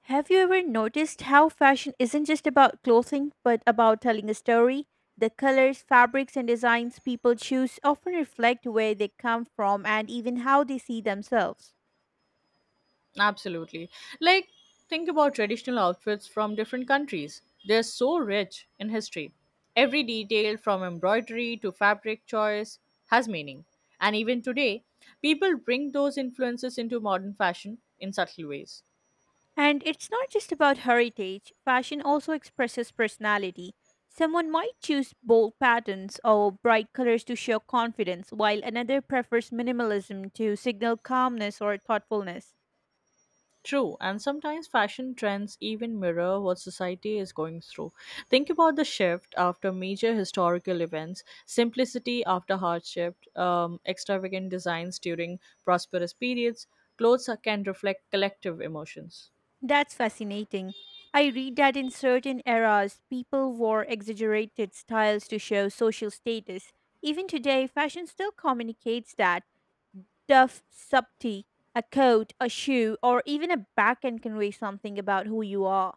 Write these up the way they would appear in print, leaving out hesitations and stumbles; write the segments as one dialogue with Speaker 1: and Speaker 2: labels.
Speaker 1: Have you ever noticed how fashion isn't just about clothing, but about telling a story? The colors, fabrics, and designs people choose often reflect where they come from and even how they see themselves.
Speaker 2: Absolutely. Like, think about traditional outfits from different countries. They're so rich in history. Every detail, from embroidery to fabric choice, has meaning. And even today, people bring those influences into modern fashion in subtle ways.
Speaker 1: And it's not just about heritage, fashion also expresses personality. Someone might choose bold patterns or bright colors to show confidence, while another prefers minimalism to signal calmness or thoughtfulness.
Speaker 2: True, and sometimes fashion trends even mirror what society is going through. Think about the shift after major historical events, simplicity after hardship, extravagant designs during prosperous periods. Clothes can reflect collective emotions.
Speaker 1: That's fascinating. I read that in certain eras, people wore exaggerated styles to show social status. Even today, fashion still communicates that. Tough subtlety, a coat, a shoe, or even a back can convey something about who you are.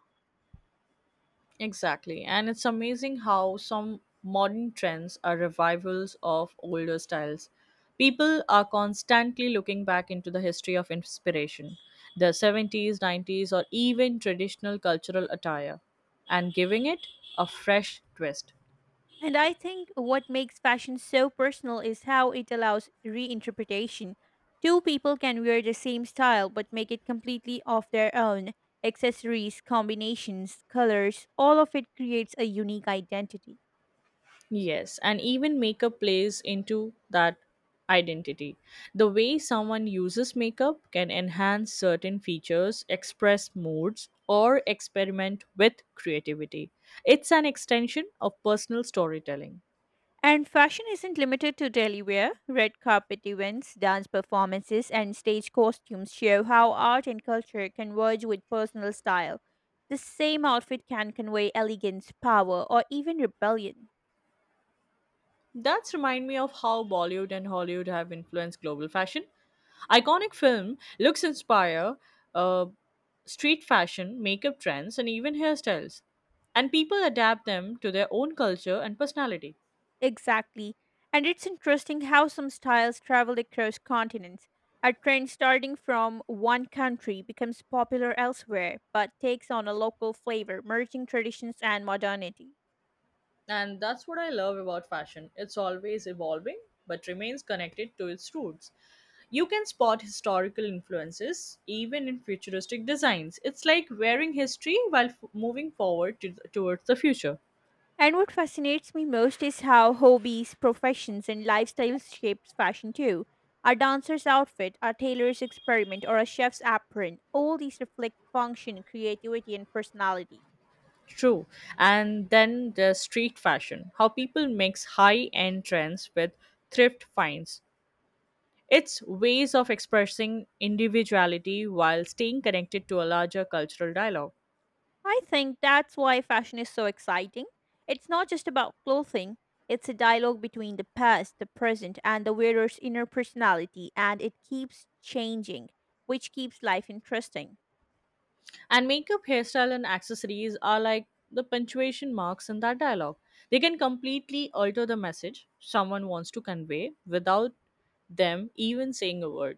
Speaker 2: Exactly. And it's amazing how some modern trends are revivals of older styles. People are constantly looking back into the history of inspiration, the 70s, 90s, or even traditional cultural attire, and giving it a fresh twist.
Speaker 1: And I think what makes fashion so personal is how it allows reinterpretation. Two people can wear the same style but make it completely of their own. Accessories, combinations, colors, all of it creates a unique identity.
Speaker 2: Yes, and even makeup plays into that identity. The way someone uses makeup can enhance certain features, express moods, or experiment with creativity. It's an extension of personal storytelling.
Speaker 1: And fashion isn't limited to daily wear. Red carpet events, dance performances, and stage costumes show how art and culture converge with personal style. The same outfit can convey elegance, power, or even rebellion.
Speaker 2: That's remind me of how Bollywood and Hollywood have influenced global fashion. Iconic film looks inspire uh, street fashion, makeup trends, and even hairstyles, and people adapt them to their own culture and personality.
Speaker 1: Exactly. And it's interesting how some styles travel across continents. A trend starting from one country becomes popular elsewhere, but takes on a local flavor, merging traditions and modernity.
Speaker 2: And that's what I love about fashion. It's always evolving, but remains connected to its roots. You can spot historical influences even in futuristic designs. It's like wearing history while moving forward towards the future.
Speaker 1: And what fascinates me most is how hobbies, professions, and lifestyles shapes fashion too. A dancer's outfit, a tailor's experiment, or a chef's apron, all these reflect function, creativity, and personality.
Speaker 2: True. And then there's street fashion, how people mix high end trends with thrift finds. It's ways of expressing individuality while staying connected to a larger cultural dialogue.
Speaker 1: I think that's why fashion is so exciting. It's not just about clothing, it's a dialogue between the past, the present, and the wearer's inner personality, and it keeps changing, which keeps life interesting.
Speaker 2: And makeup, hairstyle, and accessories are like the punctuation marks in that dialogue. They can completely alter the message someone wants to convey without them even saying a word.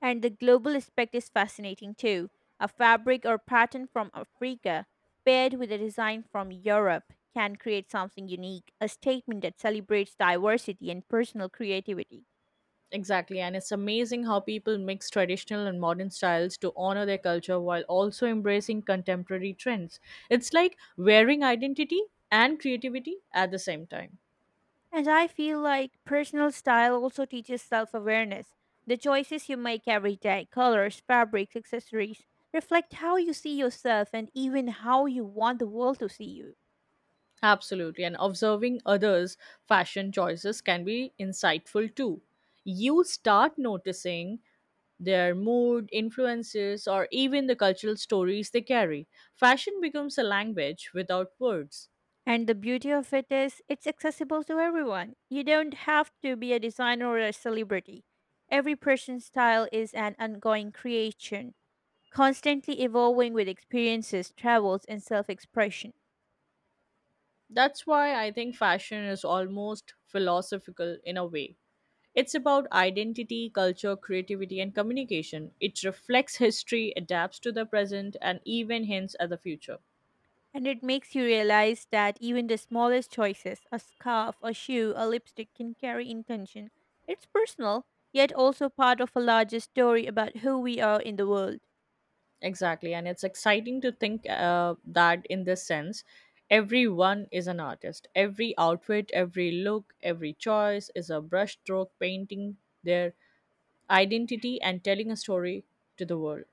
Speaker 1: And the global aspect is fascinating too. A fabric or pattern from Africa paired with a design from Europe can create something unique, a statement that celebrates diversity and personal creativity.
Speaker 2: Exactly, and it's amazing how people mix traditional and modern styles to honor their culture while also embracing contemporary trends. It's like wearing identity and creativity at the same time.
Speaker 1: And I feel like personal style also teaches self awareness. The choices you make every day, colors, fabrics, accessories, reflect how you see yourself and even how you want the world to see you.
Speaker 2: Absolutely. And observing others' fashion choices can be insightful too. You start noticing their mood, influences, or even the cultural stories they carry. Fashion becomes a language without words.
Speaker 1: And the beauty of it is, it's accessible to everyone. You don't have to be a designer or a celebrity. Every person's style is an ongoing creation, constantly evolving with experiences, travels, and self expression.
Speaker 2: That's why I think fashion is almost philosophical in a way. It's about identity, culture, creativity, and communication. It reflects history, adapts to the present, and even hints at the future.
Speaker 1: And it makes you realize that even the smallest choices, a scarf, a shoe, a lipstick, can carry intention. It's personal, yet also part of a larger story about who we are in the world.
Speaker 2: Exactly. And it's exciting to think that in this sense, everyone is an artist. Every outfit, every look, every choice is a brushstroke painting their identity and telling a story to the world.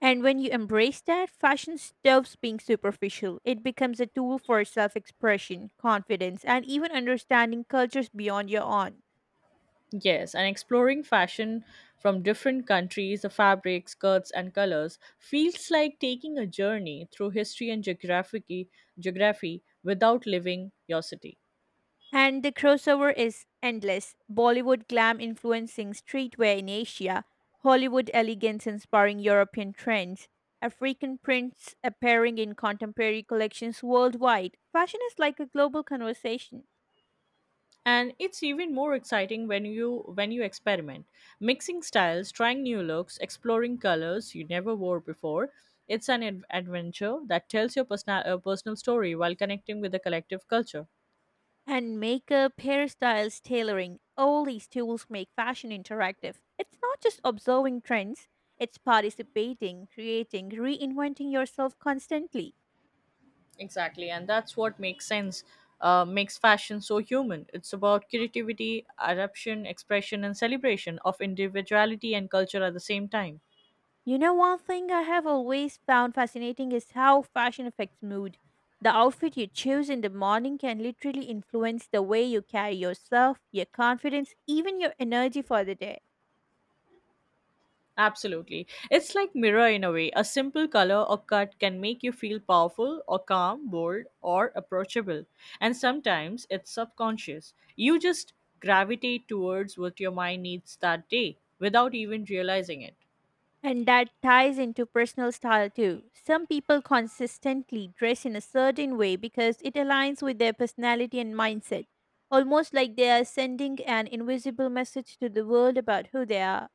Speaker 1: And when you embrace that, fashion stops being superficial. It becomes a tool for self expression, confidence, and even understanding cultures beyond your own.
Speaker 2: Yes, and exploring fashion from different countries, the fabrics, skirts, and colors feels like taking a journey through history and geography, without leaving your city.
Speaker 1: And the crossover is endless. Bollywood glam influencing streetwear in Asia, Hollywood elegance inspiring European trends, African prints appearing in contemporary collections worldwide. Fashion is like a global conversation.
Speaker 2: And it's even more exciting when you experiment, mixing styles, trying new looks, exploring colors you never wore before. It's an adventure that tells your personal story while connecting with the collective culture.
Speaker 1: And makeup, hairstyles, tailoring, all these tools make fashion interactive. It's not just observing trends, it's participating, creating, reinventing yourself constantly.
Speaker 2: Exactly, and that's what makes fashion so human. It's about creativity, adaptation, expression, and celebration of individuality and culture at the same time.
Speaker 1: You know, one thing I have always found fascinating is how fashion affects mood. The outfit you choose in the morning can literally influence the way you carry yourself, your confidence, even your energy for the day.
Speaker 2: Absolutely. It's like mirror in a way. A simple color or cut can make you feel powerful or calm, bold or approachable. And sometimes it's subconscious. You just gravitate towards what your mind needs that day without even realizing it.
Speaker 1: And that ties into personal style too. Some people consistently dress in a certain way because it aligns with their personality and mindset, almost like they are sending an invisible message to the world about who they are.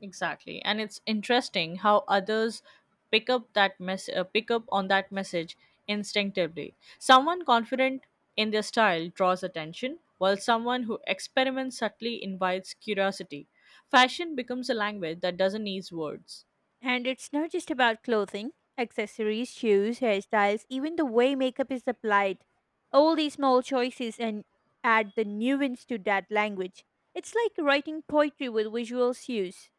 Speaker 2: Exactly, and it's interesting how others pick up on that message instinctively. Someone confident in their style draws attention, while someone who experiments subtly invites curiosity. Fashion becomes a language that doesn't need words.
Speaker 1: And it's not just about clothing, accessories, shoes, hairstyles, even the way makeup is applied. All these small choices and add the nuance to that language. It's like writing poetry with visual cues.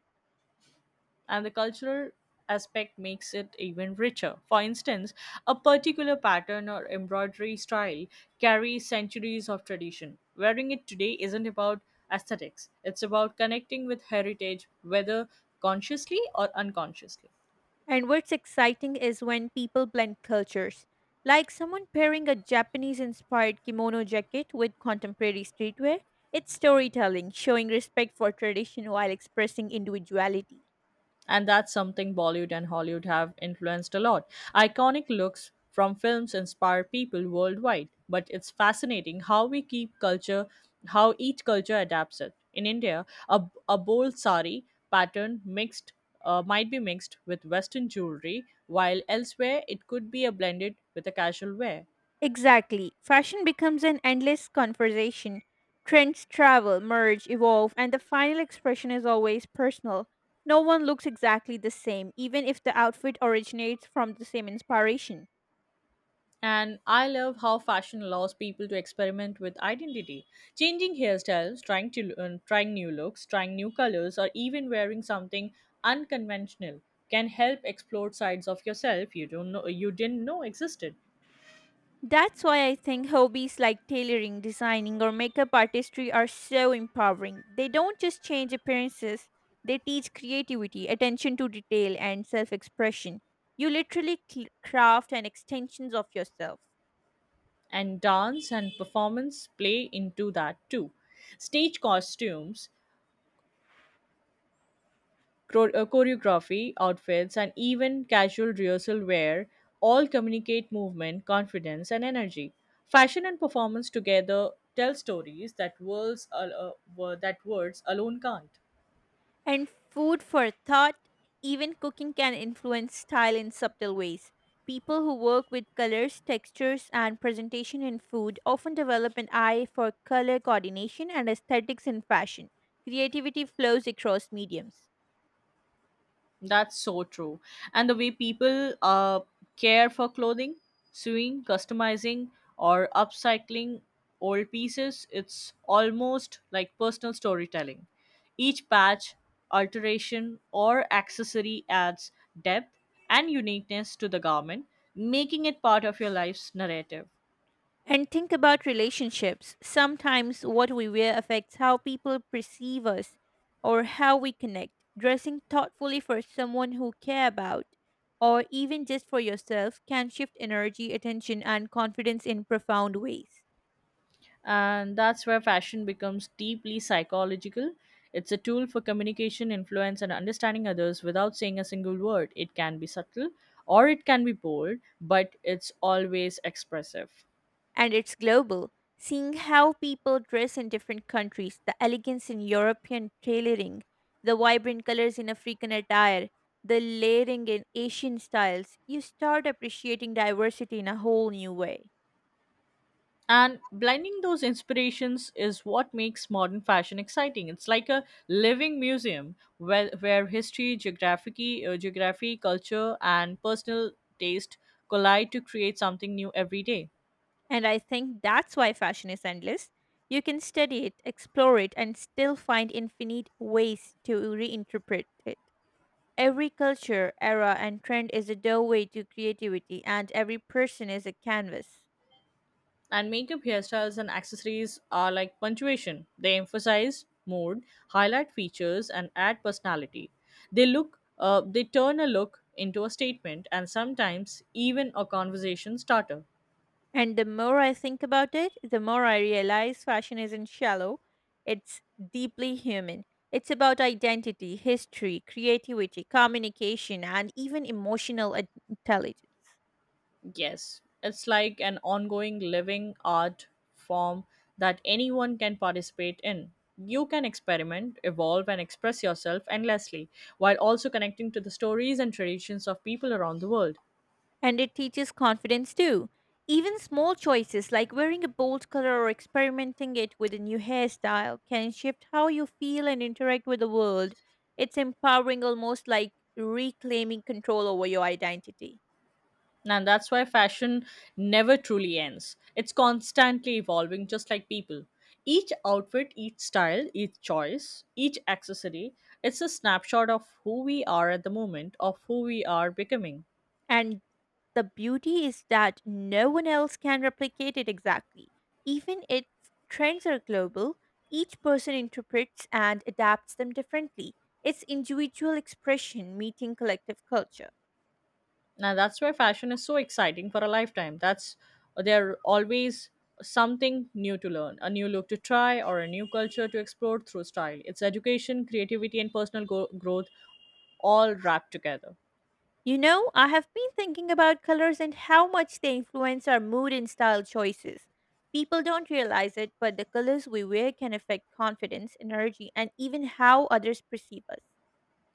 Speaker 2: And the cultural aspect makes it even richer. For instance, a particular pattern or embroidery style carries centuries of tradition. Wearing it today isn't about aesthetics, it's about connecting with heritage, whether consciously or unconsciously.
Speaker 1: And what's exciting is when people blend cultures. Like someone pairing a Japanese inspired kimono jacket with contemporary streetwear, it's storytelling, showing respect for tradition while expressing individuality.
Speaker 2: And that's something Bollywood and Hollywood have influenced a lot. Iconic looks from films inspire people worldwide, but it's fascinating how how each culture adapts it. In India, a bold sari pattern mixed might be mixed with Western jewelry, while elsewhere it could be a blended with a casual wear.
Speaker 1: Exactly. Fashion becomes an endless conversation. Trends travel, merge, evolve, and the final expression is always personal. No one looks exactly the same, even if the outfit originates from the same inspiration.
Speaker 2: And I love how fashion allows people to experiment with identity, changing hairstyles, trying new looks, trying new colors, or even wearing something unconventional can help explore sides of yourself you didn't know existed.
Speaker 1: That's why I think hobbies like tailoring, designing, or makeup artistry are so empowering. They don't just change appearances, they teach creativity, attention to detail, and self expression. You literally craft an extensions of yourself.
Speaker 2: And dance and performance play into that too. Stage costumes, choreography, outfits, and even casual rehearsal wear all communicate movement, confidence, and energy. Fashion and performance together tell stories that words alone can't.
Speaker 1: And food for thought, even cooking can influence style in subtle ways. People who work with colors, textures, and presentation in food often develop an eye for color coordination and aesthetics in fashion. Creativity flows across mediums.
Speaker 2: That's so true. And the way people care for clothing, sewing, customizing, or upcycling old pieces, it's almost like personal storytelling. Each patch, alteration, or accessory adds depth and uniqueness to the garment, making it part of your life's narrative.
Speaker 1: And think about relationships. Sometimes what we wear affects how people perceive us or how we connect. Dressing thoughtfully for someone who care about or even just for yourself can shift energy, attention and confidence in profound ways.
Speaker 2: And that's where fashion becomes deeply psychological. It's a tool for communication, influence, and understanding others without saying a single word. It can be subtle, or it can be bold, but it's always expressive.
Speaker 1: And it's global. Seeing how people dress in different countries, the elegance in European tailoring, the vibrant colors in African attire, the layering in Asian styles, you start appreciating diversity in a whole new way.
Speaker 2: And blending those inspirations is what makes modern fashion exciting. It's like a living museum where history, geography, culture, and personal taste collide to create something new every day.
Speaker 1: And I think that's why fashion is endless. You can study it, explore it, and still find infinite ways to reinterpret it. Every culture, era, and trend is a doorway to creativity, and every person is a canvas.
Speaker 2: And makeup, hairstyles, and accessories are like punctuation. They emphasize mood, highlight features, and add personality. They turn a look into a statement, and sometimes even a conversation starter.
Speaker 1: And the more I think about it, the more I realize fashion isn't shallow, it's deeply human. It's about identity, history, creativity, communication, and even emotional intelligence.
Speaker 2: Yes, it's like an ongoing living art form that anyone can participate in. You can experiment, evolve, and express yourself endlessly, while also connecting to the stories and traditions of people around the world.
Speaker 1: And it teaches confidence too. Even small choices like wearing a bold color or experimenting it with a new hairstyle can shift how you feel and interact with the world. It's empowering, almost like reclaiming control over your identity.
Speaker 2: And that's why fashion never truly ends. It's constantly evolving, just like people. Each outfit, each style, each choice, each accessory, it's a snapshot of who we are at the moment, of who we are becoming.
Speaker 1: And the beauty is that no one else can replicate it exactly. Even if trends are global, each person interprets and adapts them differently. It's individual expression meeting collective culture.
Speaker 2: Now, that's why fashion is so exciting for a lifetime. That's there always something new to learn, a new look to try, or a new culture to explore through style. It's education, creativity, and personal growth, all wrapped together.
Speaker 1: You know, I have been thinking about colors and how much they influence our mood and style choices. People don't realize it, but the colors we wear can affect confidence, energy, and even how others perceive us.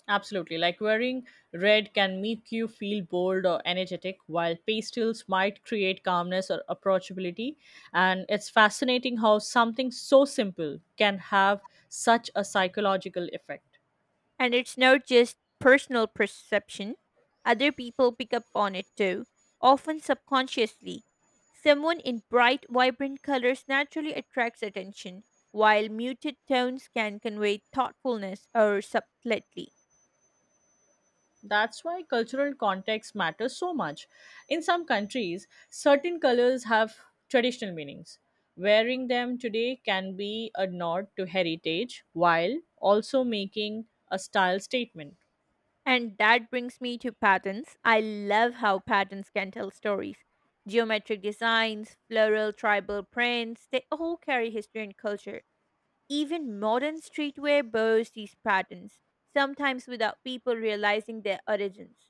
Speaker 2: Absolutely. Like wearing red can make you feel bold or energetic, while pastels might create calmness or approachability. And it's fascinating how something so simple can have such a psychological effect.
Speaker 1: And it's not just personal perception, other people pick up on it too, often subconsciously. Someone in bright, vibrant colors naturally attracts attention, while muted tones can convey thoughtfulness or subtlety.
Speaker 2: That's why cultural context matters so much. In some countries, certain colors have traditional meanings. Wearing them today can be a nod to heritage while also making a style statement.
Speaker 1: And that brings me to patterns. I love how patterns can tell stories. Geometric designs, floral, tribal prints, they all carry history and culture. Even modern streetwear borrows these patterns, sometimes without people realizing their origins.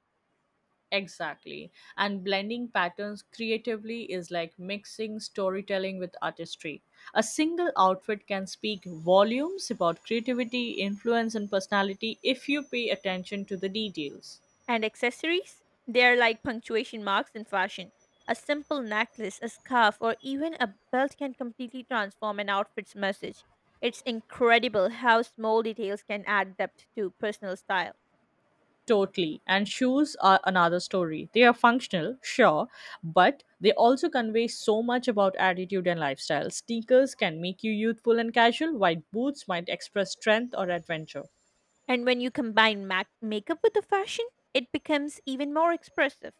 Speaker 2: Exactly. And blending patterns creatively is like mixing storytelling with artistry. A single outfit can speak volumes about creativity, influence, and personality if you pay attention to the details.
Speaker 1: And accessories? They're like punctuation marks in fashion. A simple necklace, a scarf, or even a belt can completely transform an outfit's message. It's incredible how small details can add depth to personal style.
Speaker 2: Totally. And shoes are another story. They are functional, sure, but they also convey so much about attitude and lifestyle. Sneakers can make you youthful and casual, while boots might express strength or adventure.
Speaker 1: And when you combine makeup with the fashion, it becomes even more expressive.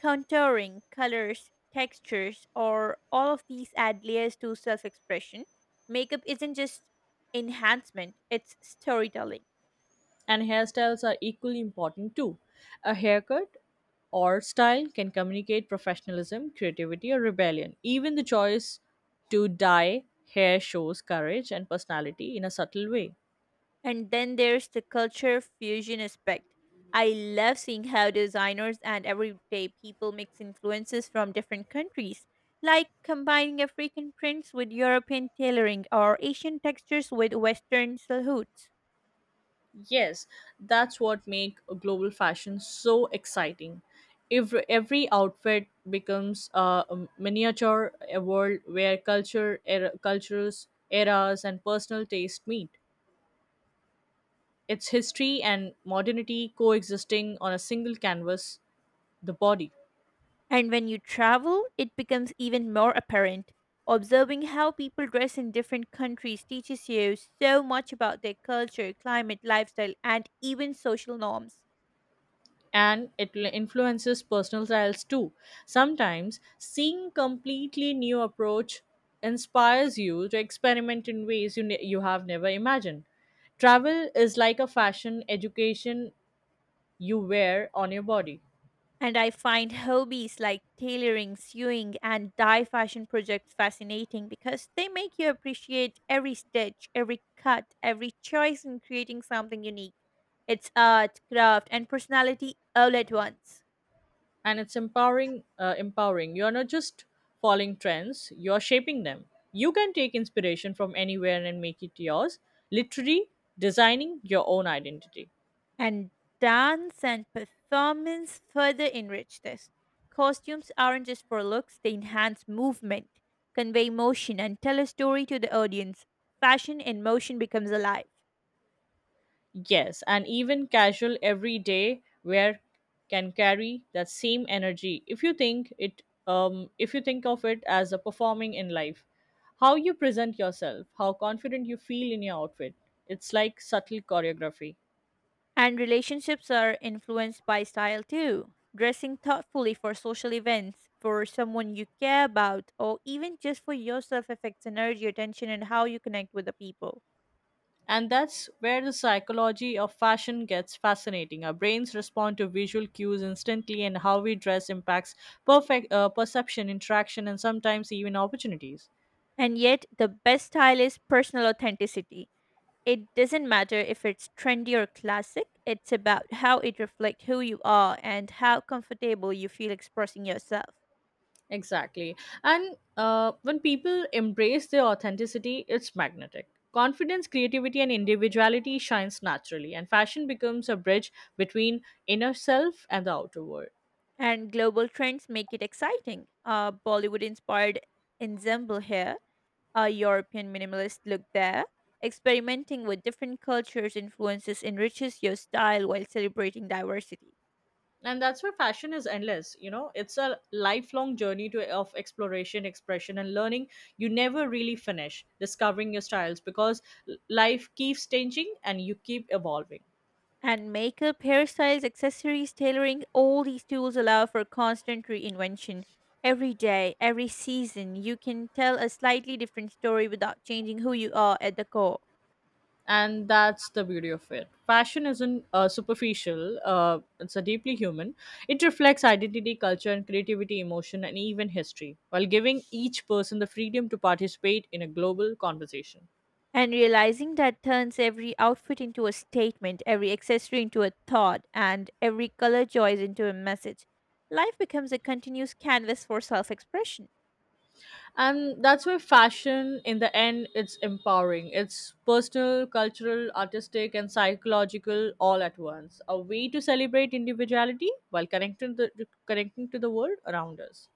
Speaker 1: Contouring, colors, textures, or all of these add layers to self expression. Makeup isn't just enhancement, it's storytelling.
Speaker 2: And hairstyles are equally important too. A haircut or style can communicate professionalism, creativity, or rebellion. Even the choice to dye hair shows courage and personality in a subtle way.
Speaker 1: And then there's the culture fusion aspect. I love seeing how designers and everyday people mix influences from different countries, like combining African prints with European tailoring or Asian textures with Western silhouettes.
Speaker 2: Yes, that's what makes global fashion so exciting. Every outfit becomes a miniature a world where culture, era, cultures, eras, and personal taste meet. It's history and modernity coexisting on a single canvas, the body.
Speaker 1: And when you travel, it becomes even more apparent. Observing how people dress in different countries teaches you so much about their culture, climate, lifestyle, and even social norms.
Speaker 2: And it influences personal styles too. Sometimes seeing completely new approach inspires you to experiment in ways you have never imagined. Travel is like a fashion education you wear on your body.
Speaker 1: And I find hobbies like tailoring, sewing, and dye fashion projects fascinating because they make you appreciate every stitch, every cut, every choice in creating something unique. It's art, craft, and personality all at once.
Speaker 2: And it's empowering. You're not just following trends, you're shaping them. You can take inspiration from anywhere and make it yours, literally designing your own identity.
Speaker 1: And dance and performance further enrich this. Costumes aren't just for looks, they enhance movement, convey motion, and tell a story to the audience. Fashion in motion becomes alive.
Speaker 2: Yes, and even casual everyday wear can carry that same energy if you think it if you think of it as a performing in life. How you present yourself, how confident you feel in your outfit, it's like subtle choreography.
Speaker 1: And relationships are influenced by style too. Dressing thoughtfully for social events, for someone you care about, or even just for yourself affects energy, attention, and how you connect with the people.
Speaker 2: And that's where the psychology of fashion gets fascinating. Our brains respond to visual cues instantly, and how we dress impacts perfect perception, interaction, and sometimes even opportunities.
Speaker 1: And yet, the best style is personal authenticity. It doesn't matter if it's trendy or classic, it's about how it reflects who you are and how comfortable you feel expressing yourself.
Speaker 2: Exactly. And when people embrace their authenticity, it's magnetic. Confidence, creativity, and individuality shines naturally, and fashion becomes a bridge between inner self and the outer world.
Speaker 1: And global trends make it exciting. Bollywood inspired ensemble here, a European minimalist look there. Experimenting with different cultures' influences enriches your style while celebrating diversity.
Speaker 2: And that's where fashion is endless, you know. It's a lifelong journey to of exploration, expression, and learning. You never really finish discovering your styles because life keeps changing and you keep evolving.
Speaker 1: And makeup, hairstyles, accessories, tailoring, all these tools allow for constant reinvention. Every day, every season, you can tell a slightly different story without changing who you are at the core.
Speaker 2: And that's the beauty of it. Fashion isn't superficial, it's a deeply human. It reflects identity, culture, and creativity, emotion, and even history, while giving each person the freedom to participate in a global conversation.
Speaker 1: And realizing that turns every outfit into a statement, every accessory into a thought, and every color choice into a message. Life becomes a continuous canvas for self expression.
Speaker 2: And that's why fashion in the end it's empowering. It's personal, cultural, artistic, and psychological all at once, a way to celebrate individuality while connecting to the world around us.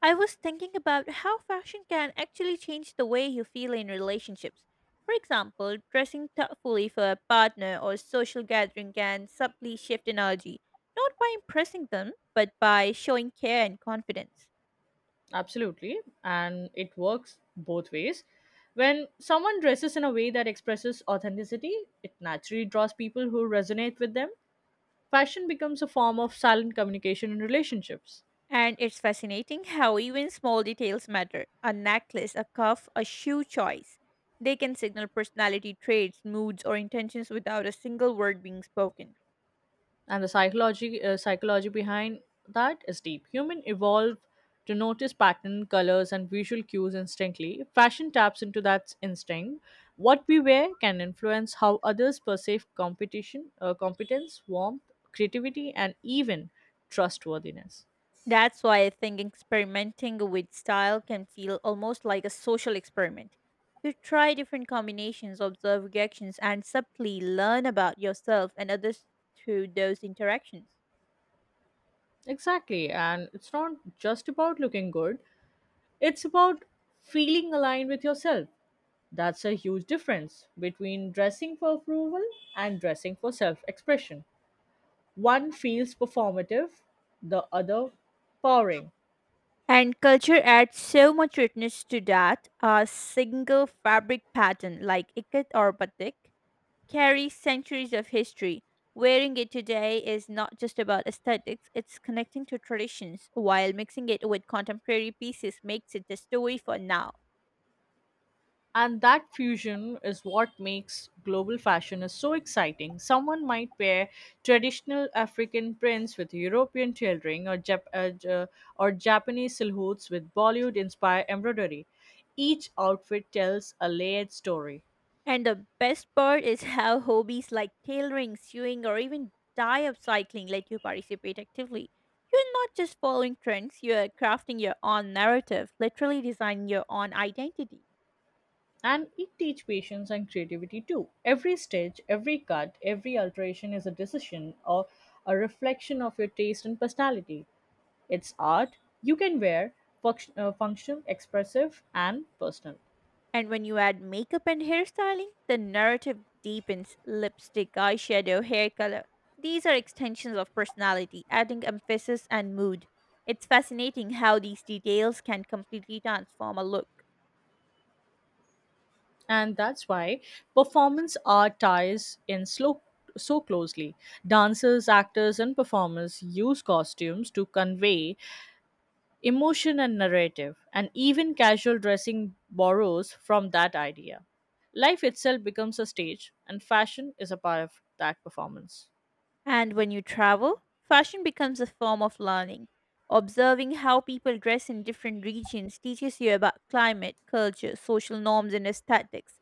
Speaker 1: I was thinking about how fashion can actually change the way you feel in relationships. For example, dressing thoughtfully for a partner or social gathering can subtly shift energy, not by impressing them, but by showing care and confidence.
Speaker 2: Absolutely, and it works both ways. When someone dresses in a way that expresses authenticity, it naturally draws people who resonate with them. Fashion becomes a form of silent communication in relationships.
Speaker 1: And it's fascinating how even small details matter, a necklace, a cuff, a shoe choice. They can signal personality traits, moods, or intentions without a single word being spoken.
Speaker 2: And the psychology behind that is deep. Human evolved to notice pattern, colors, and visual cues instantly. Fashion taps into that instinct. What we wear can influence how others perceive competition competence, warmth, creativity, and even trustworthiness.
Speaker 1: That's why I think experimenting with style can feel almost like a social experiment. You try different combinations, observe reactions, and subtly learn about yourself and others through those interactions.
Speaker 2: Exactly, and it's not just about looking good. It's about feeling aligned with yourself. That's a huge difference between dressing for approval and dressing for self expression. One feels performative, the other powering.
Speaker 1: And culture adds so much richness to that, a single fabric pattern like ikat or batik carries centuries of history. Wearing it today is not just about aesthetics, it's connecting to traditions, while mixing it with contemporary pieces makes it the story for now.
Speaker 2: And that fusion is what makes global fashion is so exciting. Someone might pair traditional African prints with European tailoring, or Japanese silhouettes with Bollywood-inspired embroidery. Each outfit tells a layered story.
Speaker 1: And the best part is how hobbies like tailoring, sewing, or even dye upcycling let you participate actively. You're not just following trends, you're crafting your own narrative, literally designing your own identity.
Speaker 2: And it teaches patience and creativity too. Every stitch, every cut, every alteration is a decision or a reflection of your taste and personality. It's art you can wear, func- function, expressive, and personal.
Speaker 1: And when you add makeup and hairstyling, the narrative deepens, lipstick, eyeshadow, hair color. These are extensions of personality, adding emphasis and mood. It's fascinating how these details can completely transform a look.
Speaker 2: And that's why performance art ties in so closely. Dancers, actors, and performers use costumes to convey emotion and narrative, and even casual dressing borrows from that idea. Life itself becomes a stage, and fashion is a part of that performance.
Speaker 1: And when you travel, fashion becomes a form of learning. Observing how people dress in different regions teaches you about climate, culture, social norms, and aesthetics.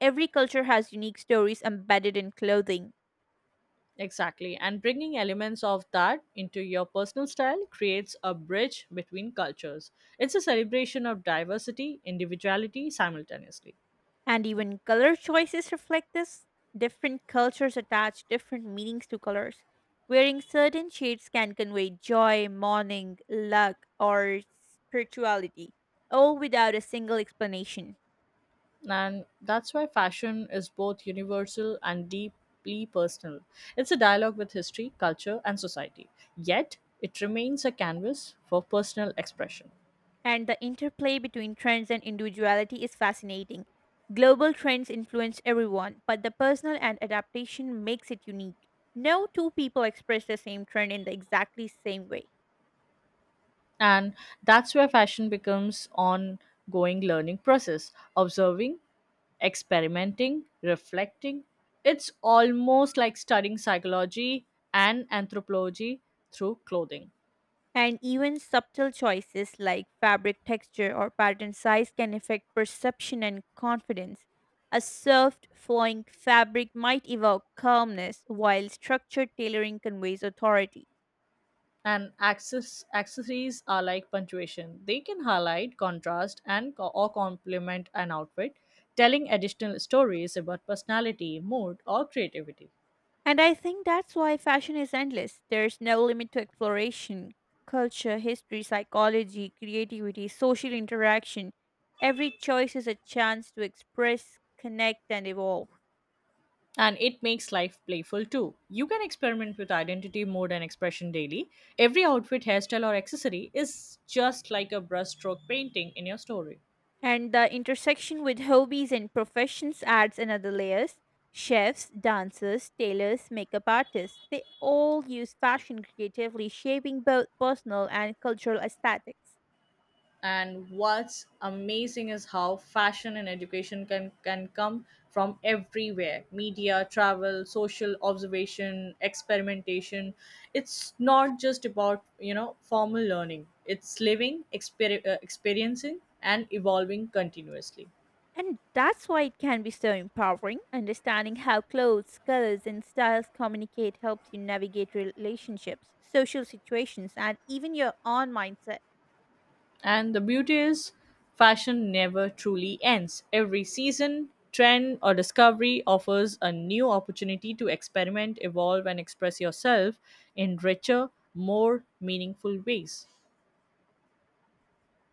Speaker 1: Every culture has unique stories embedded in clothing.
Speaker 2: Exactly. And bringing elements of that into your personal style creates a bridge between cultures. It's a celebration of diversity, individuality simultaneously.
Speaker 1: And even color choices reflect this. Different cultures attach different meanings to colors. Wearing certain shades can convey joy, mourning, luck, or spirituality, all without a single explanation.
Speaker 2: And that's why fashion is both universal and deeply personal. It's a dialogue with history, culture, and society. Yet, it remains a canvas for personal expression.
Speaker 1: And the interplay between trends and individuality is fascinating. Global trends influence everyone, but the personal and adaptation makes it unique. No two people express the same trend in the exactly same way.
Speaker 2: And that's where fashion becomes ongoing learning process, observing, experimenting, reflecting. It's almost like studying psychology and anthropology through clothing.
Speaker 1: And even subtle choices like fabric texture or pattern size can affect perception and confidence. A soft, flowing fabric might evoke calmness, while structured tailoring conveys authority.
Speaker 2: And accessories are like punctuation. They can highlight, contrast, and or complement an outfit, telling additional stories about personality, mood, or creativity.
Speaker 1: And I think that's why fashion is endless. There's no limit to exploration. Culture, history, psychology, creativity, social interaction. Every choice is a chance to express, connect, and evolve.
Speaker 2: And it makes life playful too. You can experiment with identity, mode, and expression daily. Every outfit, hairstyle, or accessory is just like a brushstroke painting in your story.
Speaker 1: And the intersection with hobbies and professions adds another layers. Chefs, dancers, tailors, makeup artists, they all use fashion creatively, shaping both personal and cultural aesthetics.
Speaker 2: And what's amazing is how fashion and education can come from everywhere, media, travel, social observation, experimentation. It's not just about, formal learning, it's living, experiencing, and evolving continuously.
Speaker 1: And that's why it can be so empowering. Understanding how clothes, colors, and styles communicate helps you navigate relationships, social situations, and even your own mindset.
Speaker 2: And the beauty is, fashion never truly ends. Every season, trend, or discovery offers a new opportunity to experiment, evolve, and express yourself in richer, more meaningful ways.